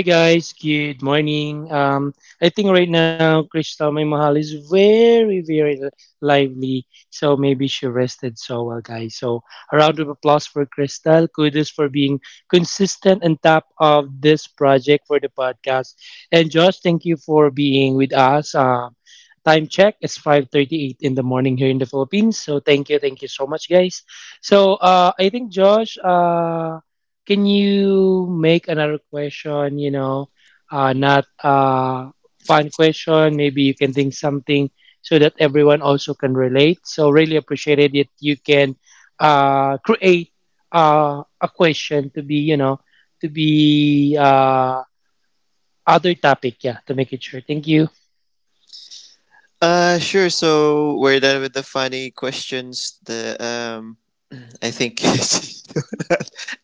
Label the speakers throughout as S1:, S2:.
S1: Hi guys, good morning. I think right now Crystal my mahal is very lively, so maybe she rested so well, guys. So a round of applause for Crystal. Kudos for being consistent and top of this project for the podcast. And Josh, thank you for being with us. Time check is 5:38 in the morning here in the Philippines. So thank you so much, guys. So I think Josh. Can you make another question, you know, not fun question? Maybe you can think something so that everyone also can relate. So really appreciate it if you can create a question to be, you know, to be other topic, yeah, to make it sure. Thank you.
S2: Sure. So we're done with the funny questions. The I think you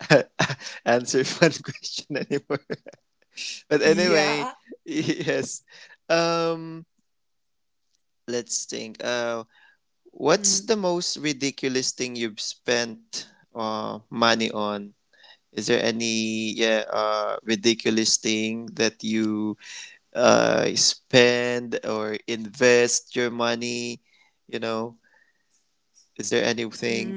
S2: don't answer fun question anymore. But anyway, yes. Um, let's think. What's the most ridiculous thing you've spent money on? Is there any, yeah, ridiculous thing that you spend or invest your money? You know, is there anything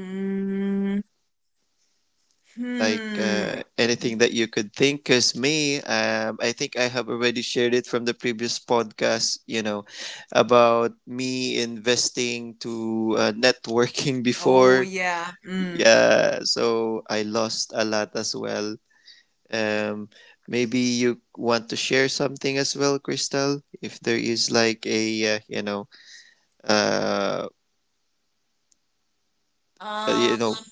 S2: like anything that you could think, because me, I think I have already shared it from the previous podcast, you know, about me investing to networking before. Yeah, so I lost a lot as well. um, Maybe you want to share something as well, Crystal, if there is like a uh, you know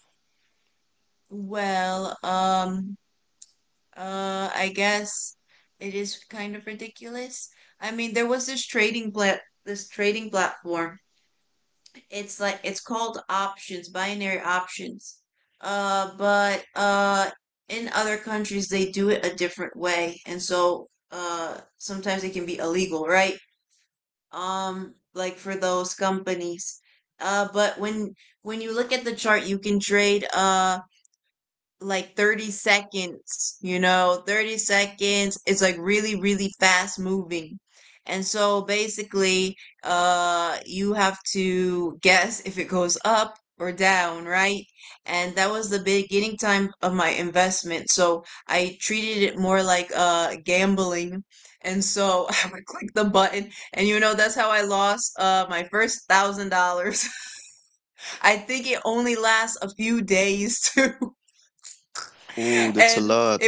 S2: oh, that's a lot.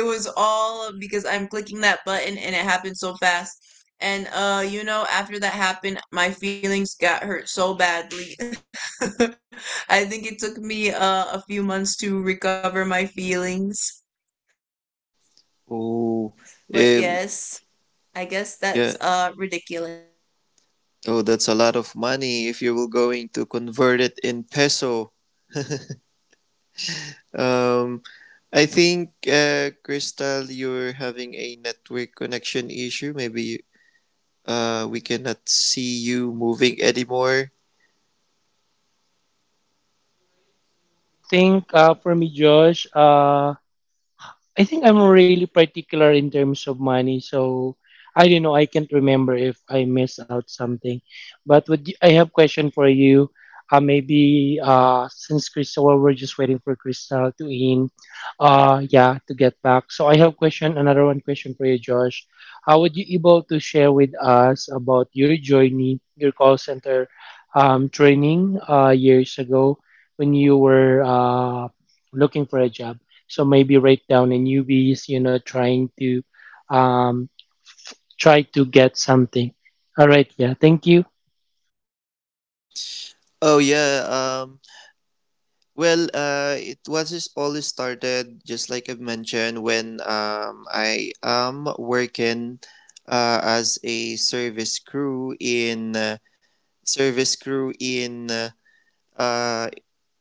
S2: Oh. eh, yeah. Oh, that's a lot of money if you were going to convert it in peso. Um, I think, Crystal, you're having a network connection issue. Maybe we cannot see you moving anymore.
S1: I think for me, Josh, I think I'm really particular in terms of money, so I don't know. I can't remember if I miss out something. But would you, I have question for you? Maybe since Crystal, well, we're just waiting for Crystal to in. Yeah, to get back. So I have question. Another one question for you, Josh. How would you able to share with us about your journey, your call center training years ago when you were looking for a job? So maybe right down a newbies, you know, trying to um, try to get something. All right, yeah, thank you.
S2: Oh, yeah. Well, it was just all started, just like I mentioned, when, I am working as a service crew in service crew in uh, uh,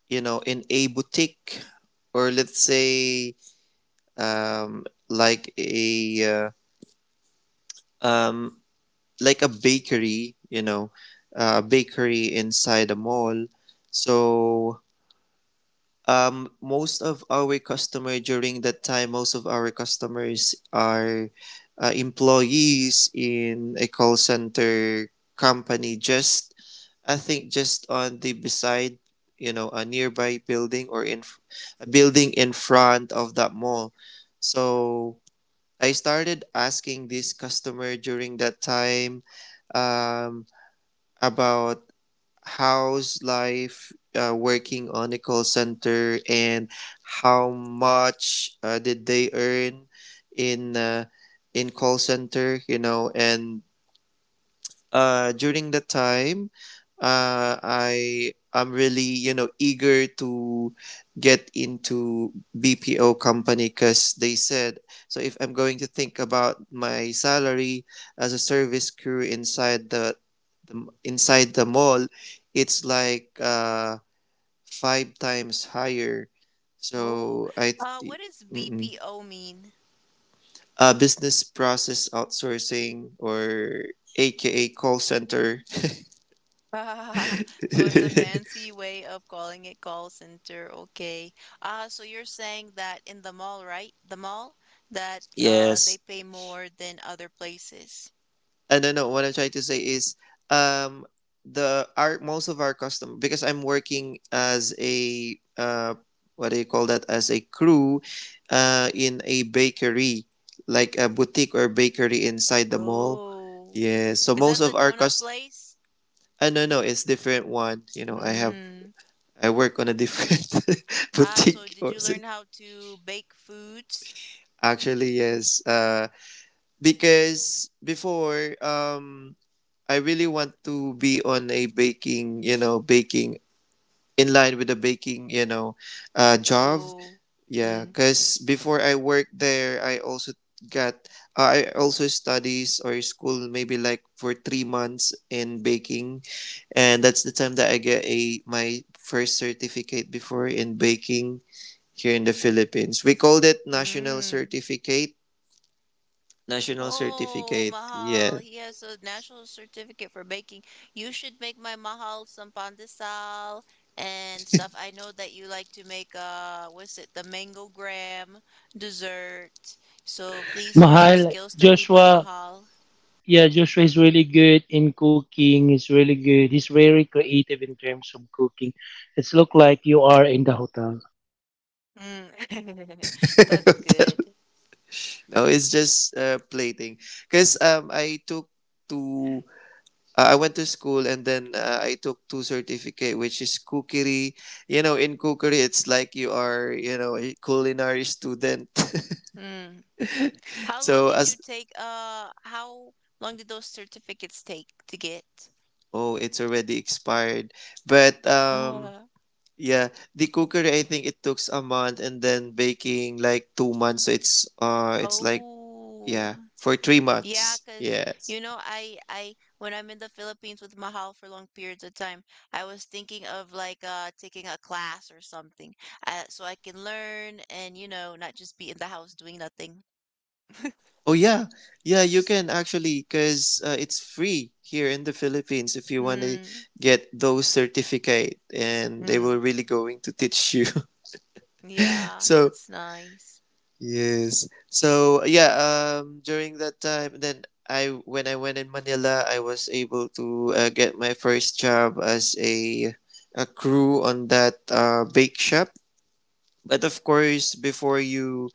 S2: you know, in a boutique, or let's say, um, like a uh, um, like a bakery, you know, a bakery inside a mall. So, most of our customer during that time, most of our customers are employees in a call center company. Just, I think just on the beside, you know, a nearby building or in a building in front of that mall. So I started asking this customer during that time, um, about how's life working on a call center, and how much did they earn in uh, in call center, you know. And during that time, I'm really, you know, eager to get into BPO company, because they said, so if I'm going to think about my salary as a service crew inside the, inside the mall, it's like five times higher.
S3: Oh,
S2: So I,
S3: what does
S2: mm-mm.
S3: BPO mean?
S2: Business process outsourcing, or AKA call center.
S3: So it's a fancy way of calling it call center. Okay. So you're saying that in the mall, right? The mall that they
S2: Yes.
S3: pay more than other places.
S2: And no, no, what I'm trying to say is, um, the our most of our custom, because I'm working as a what do you call that, as a crew, in a bakery, like a boutique or bakery inside the mall.
S3: Oh,
S2: Yeah, so
S3: is
S2: most
S3: that the
S2: of our
S3: donut
S2: cust,
S3: place?
S2: no, no, it's different one. You know, I have,
S3: Hmm.
S2: I work on a different
S3: Ah, so
S2: boutique
S3: did
S2: or
S3: you learn how to bake foods?
S2: actually, yes, because before, I really want to be on a baking, you know, baking, in line with the baking, you know, job.
S3: Oh.
S2: Yeah,
S3: Hmm.
S2: because before I worked there, I also got, I also studies or school maybe like for 3 months in baking, and that's the time that I get a my first certificate before in baking here in the Philippines. We called it national
S3: Hmm.
S2: certificate. National
S3: Oh,
S2: certificate.
S3: Mahal.
S2: Yeah.
S3: He has a national certificate for baking. You should make my Mahal some pandesal and stuff. I know that you like to make what's it, the mango graham dessert. So please use your
S1: Mahal,
S3: skills to feed my
S1: Joshua,
S3: Mahal.
S1: yeah, Joshua is really good in cooking. He's really good. He's very creative in terms of cooking. It's look like you are in the hotel.
S3: Mm. That's good.
S2: No, it's just plating. Because I took two, I went to school, and then I took two certificate, which is cookery. You know, in cookery, it's like you are, you know, a culinary student.
S3: Mm. How long
S2: So
S3: did you
S2: as,
S3: take uh how long did those certificates take to get?
S2: oh, it's already expired. But
S3: Uh,
S2: yeah, the cookery, I think it took a month, and then baking like 2 months. So it's like,
S3: oh.
S2: yeah, for three
S3: Yeah,
S2: months.
S3: because
S2: Yes.
S3: you know, I when I'm in the Philippines with Mahal for long periods of time, I was thinking of like taking a class or something, so I can learn and you know not just be in the house doing nothing.
S2: Oh yeah, yeah, you can actually, because it's free here in the Philippines if you want to
S3: Hmm.
S2: get those certificate, and they will
S3: Mm,
S2: really going to teach you.
S3: yeah,
S2: So
S3: that's nice.
S2: yes, so yeah, during that time, then I, when I went in Manila, I was able to get my first job as a crew on that bake shop, but of course, before you,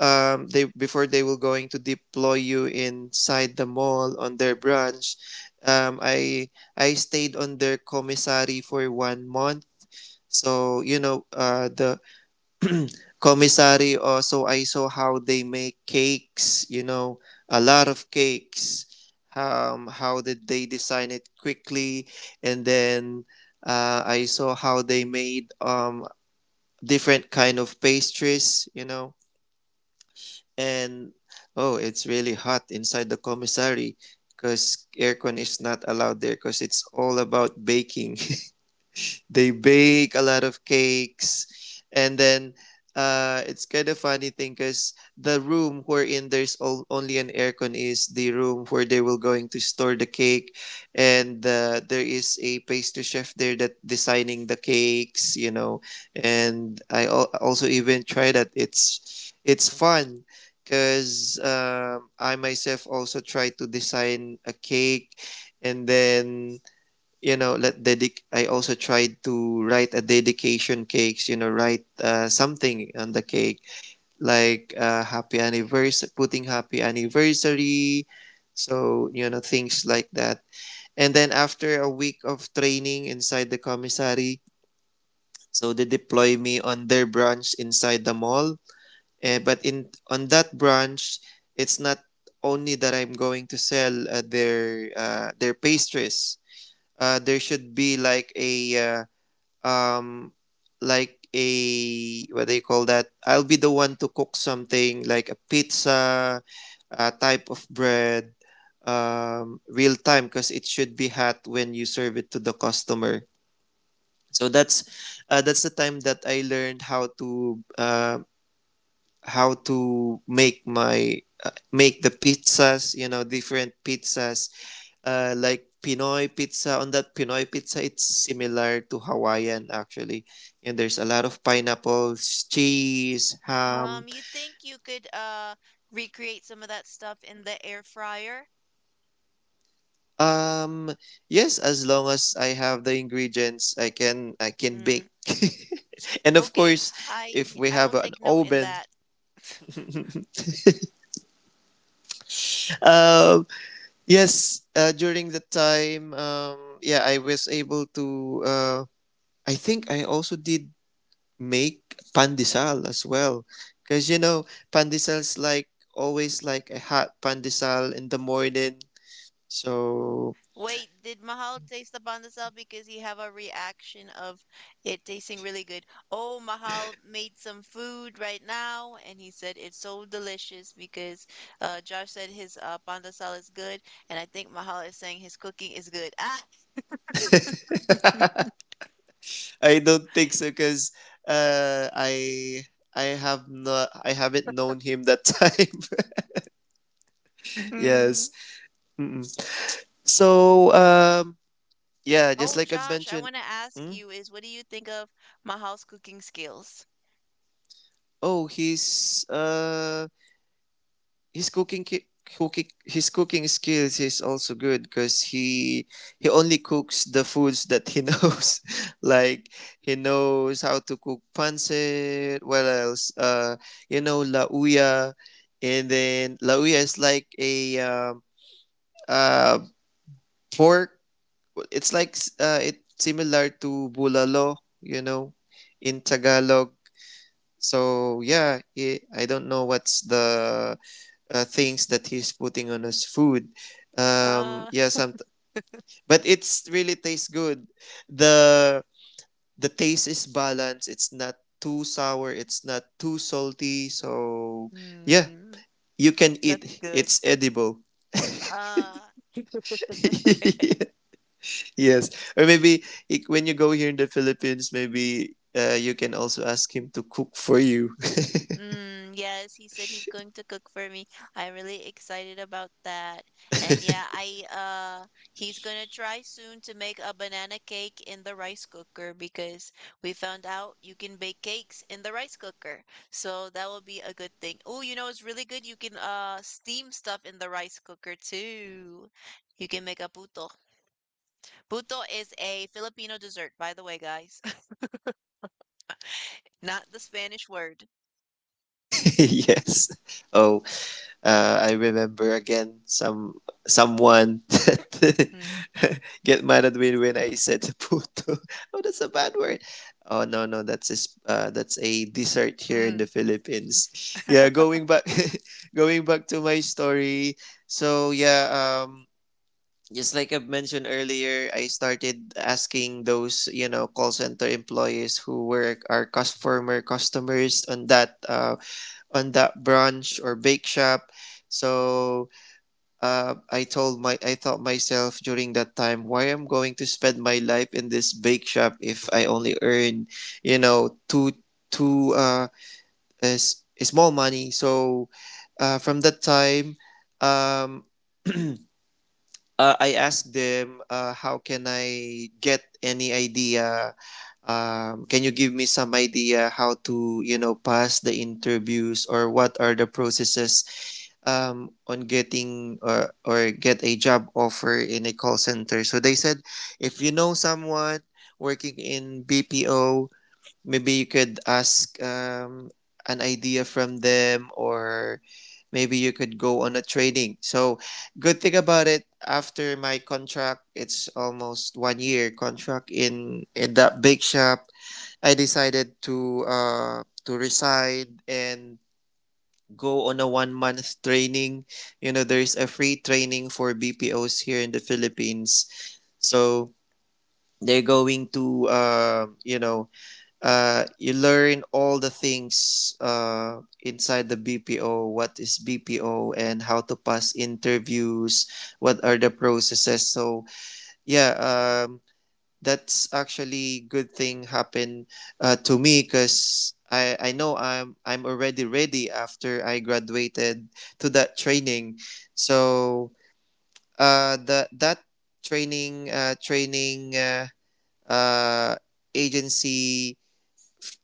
S2: they before they will going to deploy you inside the mall on their branch, um i I stayed on their commissary for 1 month. So you know, the commissary also, I saw how they make cakes, you know, a lot of cakes. How did they design it quickly, and then I saw how they made different kind of pastries, you know. And oh, it's really hot inside the commissary because aircon is not allowed there, because it's all about baking. They bake a lot of cakes. And then it's kind of funny thing, because the room wherein there's all, only an aircon is the room where they will going to store the cake. And there is a pastry chef there that designing the cakes, you know. And I also even tried that. It's fun, because I myself also try to design a cake, and then you know, let dedic I also tried to write a dedication cakes, you know, write something on the cake, like happy anniversary, putting happy anniversary. So you know, things like that. And then after a week of training inside the commissary, so they deploy me on their branch inside the mall. Eh, but in on that branch, it's not only that I'm going to sell their pastries. There should be uh, um like a what do you call that, I'll be the one to cook something like a pizza, a type of bread. Real time, because it should be hot when you serve it to the customer. So that's the time that I learned how to make my make the pizzas, you know, different pizzas. Like Pinoy pizza. On that Pinoy pizza, it's similar to Hawaiian actually, and there's a lot of pineapples, cheese, ham.
S3: You think you could recreate some of that stuff in the air fryer?
S2: Um, yes, as long as I have the ingredients, I can
S3: Mm,
S2: bake. And of
S3: okay,
S2: course,
S3: I
S2: if we
S3: I will
S2: have an
S3: take note in
S2: oven.
S3: that.
S2: um, yes, during the time, yeah, I was able to. I think I also did make pandesal as well. Because, you know, pandesal's like always like a hot pandesal in the morning. So,
S3: Wait, did Mahal taste the pandesal because he have a reaction of it tasting really good? Oh, Mahal made some food right now, and he said it's so delicious because Josh said his pandesal is good, and I think Mahal is saying his cooking is good. Ah,
S2: I don't think so, because I. I have not. I haven't known him that time.
S3: mm.
S2: Yes. Mm-mm. So yeah, just
S3: Oh,
S2: like I
S3: Josh, I
S2: mentioned.
S3: want to ask
S2: Hmm?
S3: you is what do you think of Mahal's cooking skills?
S2: Oh, he's his cooking, his cooking skills is also good, because he only cooks the foods that he knows like he knows how to cook pancit, what else, you know, lauya. And then lauya is like a uh pork. It's like it's similar to bulalo, you know, in tagalog. So yeah, I don't know what's the things that he's putting on his food.
S3: Uh,
S2: Yeah, some, but it's really tastes good. the The taste is balanced. It's not too sour. It's not too salty. So yeah,
S3: mm,
S2: you can
S3: that's
S2: eat.
S3: good.
S2: It's edible.
S3: Uh,
S2: Yes, or maybe when you go here in the Philippines, maybe. You can also ask him to cook for you.
S3: Mm, yes, he said he's going to cook for me. I'm really excited about that. And yeah, I he's gonna try soon to make a banana cake in the rice cooker because we found out you can bake cakes in the rice cooker. So that will be a good thing. Oh, you know it's really good. You can steam stuff in the rice cooker too. You can make a puto. Puto is a Filipino dessert, by the way, guys. Not the Spanish word.
S2: Yes. Oh, I remember again, someone that
S3: Mm.
S2: get mad at me when I said puto. Oh, that's a bad word. Oh no, no, that's a, that's a dessert here in the
S3: Mm.
S2: Philippines. Yeah, going back, going back to my story. So yeah, just like I've mentioned earlier, I started asking those, you know, call center employees who were our customers on that brunch or bake shop. So I told my I thought myself during that time, why I'm going to spend my life in this bake shop if I only earn, you know, two, two uh is small money. So from that time, um I asked them, how can I get any idea, can you give me some idea how to, you know, pass the interviews, or what are the processes on getting, or get a job offer in a call center. So they said, if you know someone working in BPO, maybe you could ask, an idea from them, or maybe you could go on a training. So good thing about it, after my contract, it's almost 1 year contract in that big shop. I decided to resign and go on a 1 month training. You know, there's a free training for BPOs here in the Philippines. So they're going to, you know, you learn all the things inside the BPO, what is BPO and how to pass interviews, what are the processes. So, yeah, um, that's actually good thing happen to me because I know I'm already ready after I graduated to that training. So the that training uh, agency,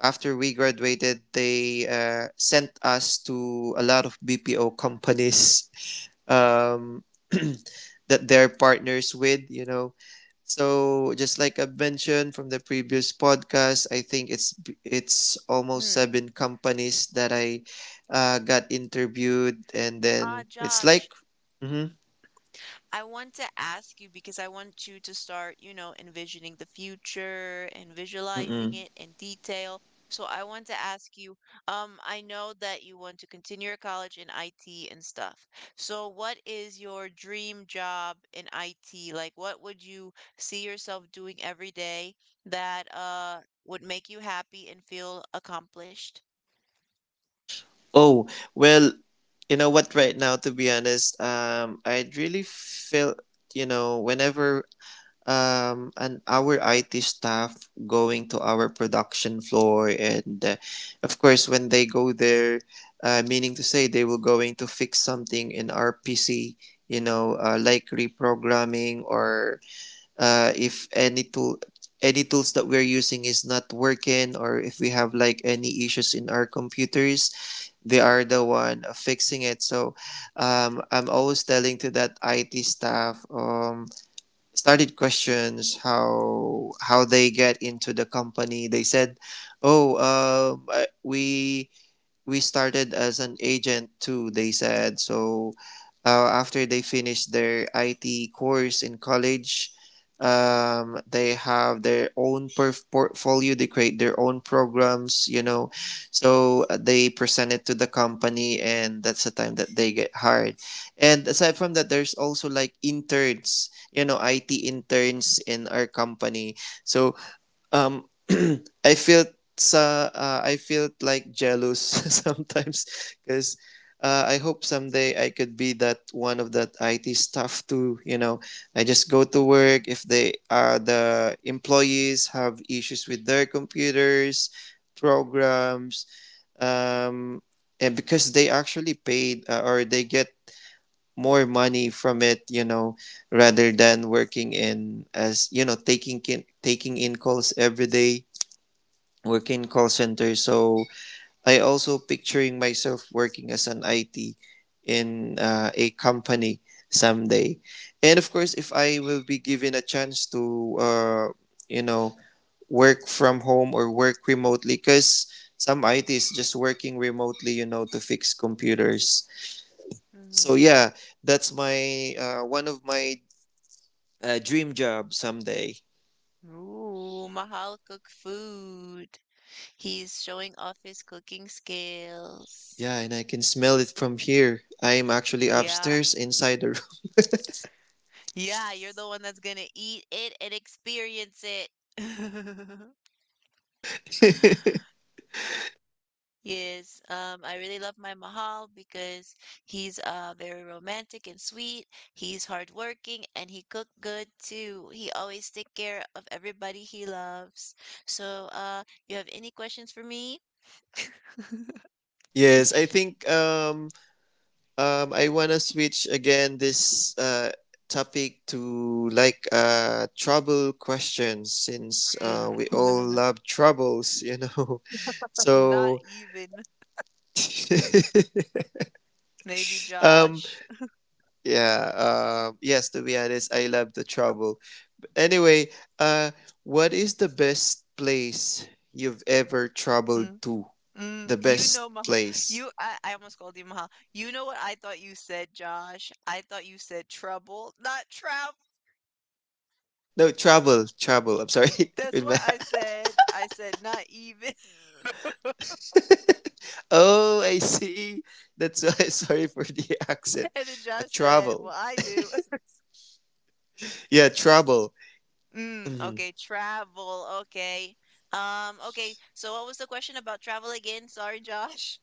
S2: after we graduated, they sent us to a lot of BPO companies, um, that they're partners with, you know. So just like I've mentioned from the previous podcast, I think it's almost
S3: Mm.
S2: seven companies that I got interviewed, and
S3: Ah,
S2: then it's like,
S3: Josh.
S2: mm-hmm,
S3: I want to ask you because I want you to start, you know, envisioning the future and
S2: mm-mm.
S3: visualizing it in detail. So I want to ask you, I know that you want to continue your college in IT and stuff. So what is your dream job in IT? Like what would you see yourself doing every day that would make you happy and feel accomplished?
S2: Oh, well, you know what? Right now, to be honest, I really feel whenever and our IT staff going to our production floor and, of course when they go there, meaning to say they will going to fix something in our PC, like reprogramming or, if any tool, any tools that we're using is not working, or if we have like any issues in our computers, they are the one fixing it. So I'm always telling to that IT staff, started questions how they get into the company. They said, oh we started as an agent too, they said. So after they finish their IT course in college, they have their own portfolio, they create their own programs, you know. So they present it to the company, and that's the time that they get hired. And aside from that, there's also like interns, you know, IT interns in our company. So, um, I felt sa I felt like jealous sometimes because I hope someday I could be that one of that IT staff too. You know, I just go to work if they are the employees have issues with their computers, programs, um, and because they actually paid, or they get more money from it, you know, rather than working in, as you know, taking in calls every day, work in call center. So I also picturing myself working as an IT in a company someday. And of course, if I will be given a chance to, you know, work from home or work remotely, because some IT is just working remotely, you know, to fix computers. So
S3: Mm-hmm.
S2: yeah, that's my one of my dream job someday.
S3: Ooh, Mahal cook food. He's showing off his cooking skills.
S2: Yeah, and I can smell it from here. I am actually
S3: Yeah.
S2: upstairs inside the room.
S3: Yeah, you're the one that's gonna eat it and experience it. Yes, I really love my Mahal because he's very romantic and sweet. He's hardworking and he cooked good too. He always take care of everybody he loves. So, you have any questions for me?
S2: Yes, I think I wanna switch again this topic to like trouble questions, since we
S3: Mm.
S2: all love troubles, you know.
S3: Not
S2: So
S3: even. Maybe
S2: um
S3: Josh.
S2: yeah, yes, to be honest, I love the trouble. Anyway, uh what is the best place you've ever traveled to?
S3: Mm,
S2: The
S3: you know,
S2: best
S3: Maha,
S2: place.
S3: I almost called you Maha. You know what I thought you said, Josh? I thought you said trouble, not travel.
S2: No, travel, travel. I'm sorry
S3: That's
S2: with my
S3: what I said. I said not even.
S2: Oh, I see. That's why. Sorry for the accent.
S3: And then
S2: A
S3: Josh said,
S2: travel.
S3: "Well, I do."
S2: Yeah, travel.
S3: Mm,
S2: Mhm.
S3: okay, travel. Okay. Okay. So what was the question about travel again? Sorry, Josh.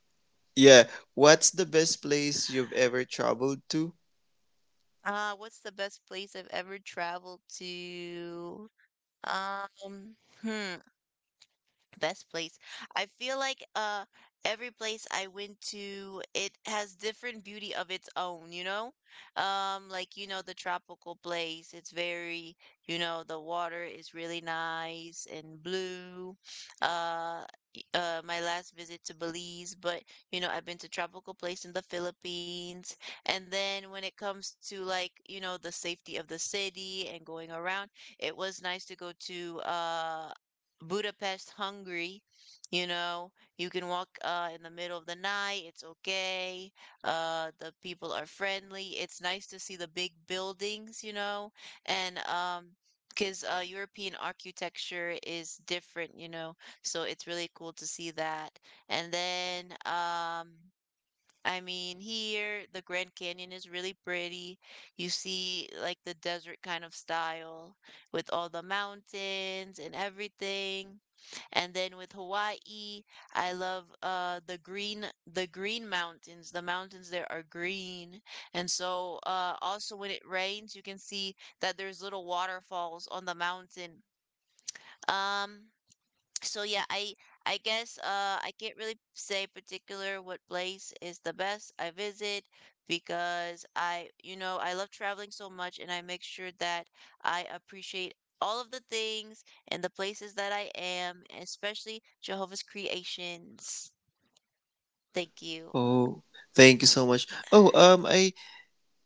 S2: Yeah. What's the best place you've ever traveled to?
S3: What's the best place I've ever traveled to? Um, hmm. Best place. I feel like every place I went to, it has different beauty of its own, you know? Like you know the tropical place, it's very, you know, the water is really nice and blue. Uh my last visit to Belize, but you know, I've been to tropical place in the Philippines. And then when it comes to like, you know, the safety of the city and going around, it was nice to go to Budapest, Hungary. You know, you can walk in the middle of the night. It's okay. The people are friendly. It's nice to see the big buildings, you know, and because European architecture is different, you know, so it's really cool to see that. And then, I mean, here the Grand Canyon is really pretty. You see like the desert kind of style with all the mountains and everything. And then with Hawaii, I love the green mountains. The mountains there are green. And so also when it rains, you can see that there's little waterfalls on the mountain. Um so yeah, I guess I can't really say particular what place is the best I visit, because I, you know, I love traveling so much, and I make sure that I appreciate all of the things and the places that I am, especially Jehovah's creations. Thank you.
S2: Oh, thank you so much. Oh, I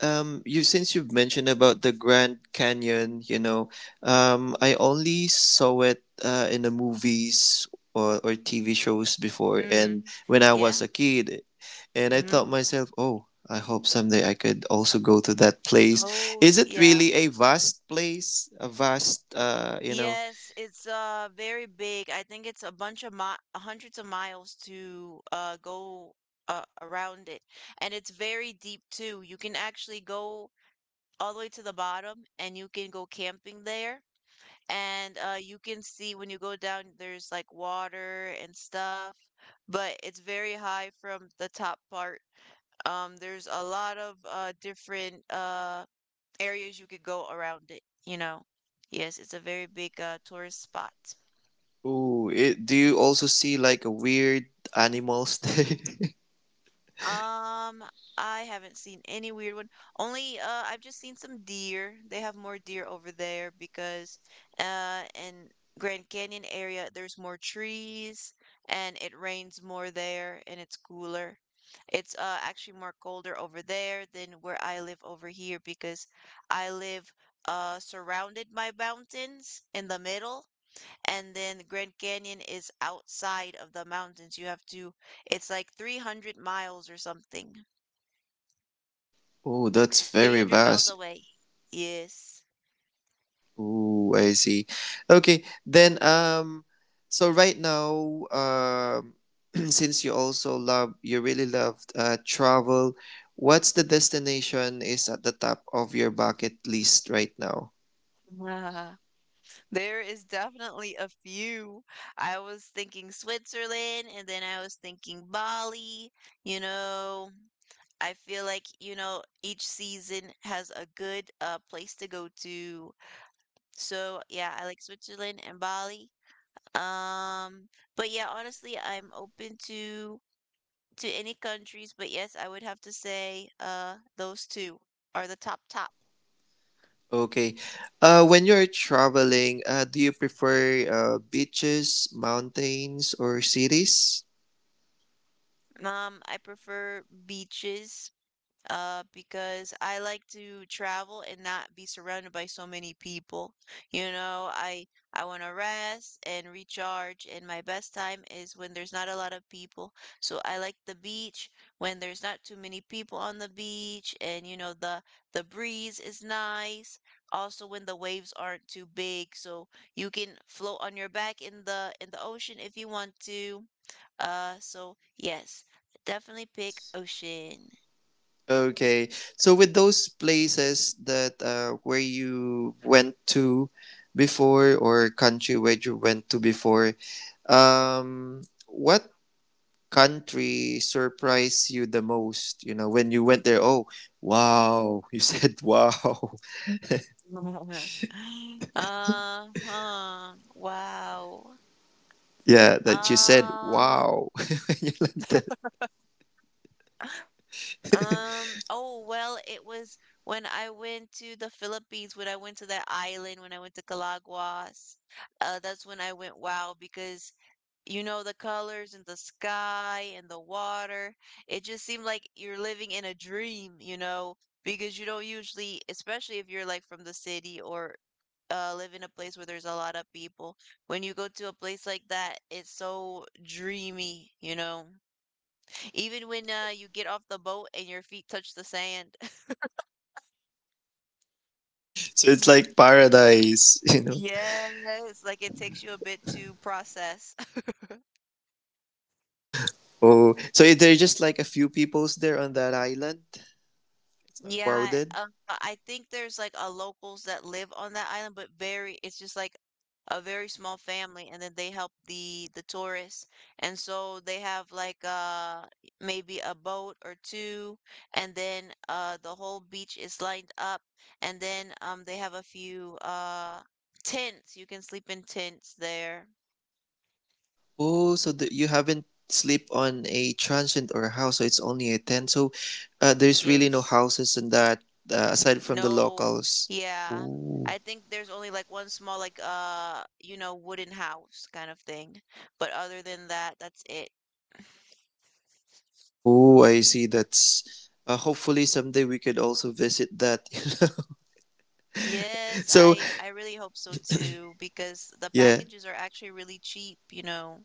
S2: You since you've mentioned about the Grand Canyon, you know, I only saw it in the movies or TV shows before, and
S3: Mm,
S2: when I
S3: yeah.
S2: was a kid, and I
S3: Hmm.
S2: thought myself, oh, I hope someday I could also go to that place.
S3: Oh,
S2: Is it
S3: yeah.
S2: really a vast place? A vast, you know?
S3: Yes, it's very big. I think it's a bunch of mi hundreds of miles to go around it. And it's very deep too. You can actually go all the way to the bottom and you can go camping there. And you can see when you go down there's like water and stuff, but it's very high from the top part. There's a lot of different areas you could go around it, you know. Yes, it's a very big tourist spot.
S2: Ooh, it, do you also see like a weird animals there?
S3: Um, I haven't seen any weird one. Only I've just seen some deer. They have more deer over there because in Grand Canyon area there's more trees and it rains more there and it's cooler. It's actually more colder over there than where I live over here because I live surrounded by mountains in the middle and then the Grand Canyon is outside of the mountains. You have to, it's like 300 miles or something,
S2: Oh, that's very
S3: 300 miles
S2: vast.
S3: away. Yes.
S2: Ooh, I see. Okay, then, so right now, since you also love you really loved travel, what's the destination is at the top of your bucket list right now?
S3: Ah, there is definitely a few. I was thinking Switzerland, and then I was thinking Bali. You know, I feel like, you know, each season has a good place to go to. So, yeah, I like Switzerland and Bali. Um, but yeah, honestly, I'm open to any countries, but yes, I would have to say those two are the top top.
S2: Okay. When you're traveling, do you prefer beaches, mountains or cities?
S3: I prefer beaches because I like to travel and not be surrounded by so many people. You know, I want to rest and recharge, and my best time is when there's not a lot of people. So I like the beach when there's not too many people on the beach, and you know the breeze is nice. Also, when the waves aren't too big, so you can float on your back in the ocean if you want to. So yes, definitely pick ocean.
S2: Okay. So with those places that where you went to before, or country where you went to before, what country surprised you the most? You know, when you went there, oh, wow, you said wow.
S3: Uh-huh. Wow.
S2: Yeah, that you said
S3: Um,
S2: wow when you landed.
S3: oh, well, it was when I went to the Philippines, when I went to that island, when I went to Calaguas. That's when I went wow because you know the colors and the sky and the water. It just seemed like you're living in a dream, you know, because you don't usually, especially if you're like from the city or live in a place where there's a lot of people. When you go to a place like that, it's so dreamy, you know. Even when you get off the boat and your feet touch the sand.
S2: So it's like paradise, you know.
S3: Yes, like it takes you a bit to process.
S2: Oh, so is there just like a few peoples there on that island? It's not
S3: Yeah,
S2: crowded.
S3: I think there's like a locals that live on that island, but very it's just like a very small family, and then they help the tourists, and so they have like maybe a boat or two, and then the whole beach is lined up, and then they have a few tents. You can sleep in tents there.
S2: Oh, so you haven't sleep on a transient or a house, so it's only a tent. So there's really no
S3: Yes.
S2: houses in that, aside from the
S3: No.
S2: locals.
S3: Yeah.
S2: Oh,
S3: I think there's only like one small like you know wooden house kind of thing. But other than that, that's it.
S2: oh, I see. That's hopefully someday we could also visit that. You know?
S3: Yes,
S2: So
S3: I really hope so too because the
S2: yeah,
S3: packages are actually really cheap, you know.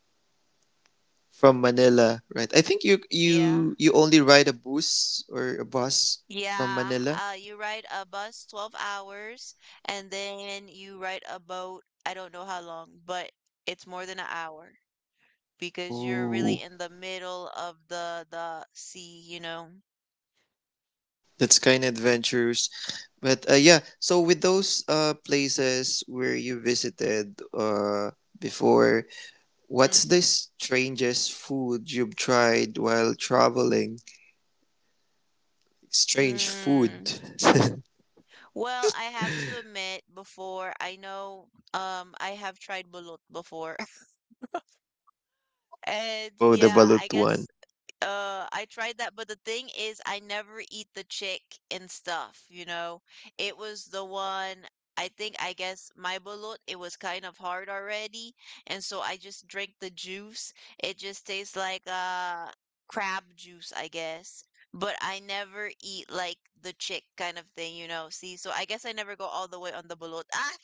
S2: from Manila, right? I think
S3: Yeah.
S2: you only ride a bus or a bus from
S3: Yeah,
S2: Manila.
S3: you ride a bus 12 hours and then you ride a boat. I don't know how long, but it's more than an hour because you're really
S2: Oh.
S3: in the middle of the sea, you know.
S2: That's kind of adventurous. But yeah, so with those places where you visited before, what's the strangest food you've tried while traveling? Strange
S3: Mm.
S2: food.
S3: Well, I have to admit before I know I have tried balut before. And
S2: Oh, the
S3: yeah, I
S2: balut one.
S3: guess. I tried that, but the thing is, I never eat the chick and stuff, you know? It was the one, I think, I guess, my bulot, it was kind of hard already. And so I just drank the juice. It just tastes like crab juice, I guess. But I never eat like the chick kind of thing, you know? See, so I guess I never go all the way on the bulot. Ah,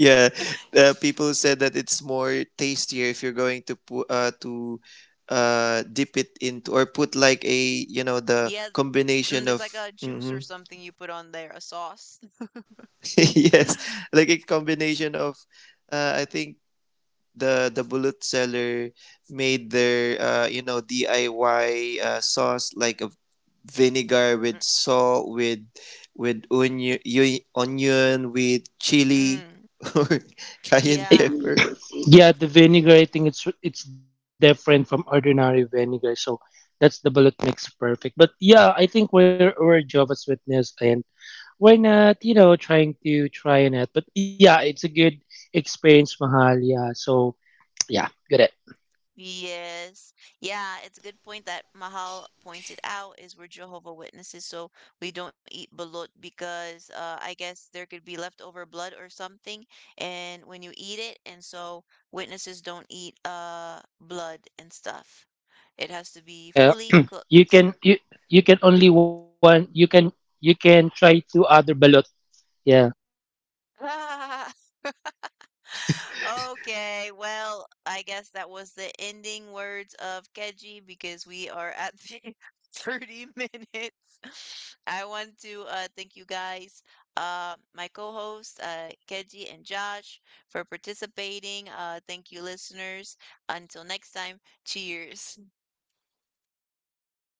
S2: Yeah, people said that it's more tastier if you're going to put to dip it into, or put like a, you know, the
S3: yeah, mm,
S2: combination
S3: there's
S2: of
S3: like a juice or
S2: mm-hmm,
S3: something you put on there, a sauce.
S2: yes, like a combination of, I think the bullet seller made their, you know, DIY sauce, like a vinegar with salt with onion, with chili
S3: Mm,
S2: or
S1: Eh,
S2: cayenne
S3: yeah.
S2: pepper
S1: yeah, the vinegar, I think it's different from ordinary vinegar. So that's the bullet makes perfect. But yeah, I think we're Jehovah's Witness and why not, you know, trying to try on it. But yeah, it's a good experience, Mahal. Yeah. So yeah, good it.
S3: Yes. Yeah, it's a good point that Mahal pointed out is we're Jehovah Witnesses, so we don't eat balut because I guess there could be leftover blood or something, and when you eat it, and so witnesses don't eat blood and stuff.
S1: Yeah.
S3: It has to be
S1: You can
S3: fully
S1: you you
S3: cooked.
S1: can only one you can try two other balot. Yeah.
S3: Okay, well, I guess that was the ending words of Keji because we are at the 30 minutes. I want to thank you guys, my co-host Keji and Josh, for participating. Thank you, listeners. Until next time, cheers.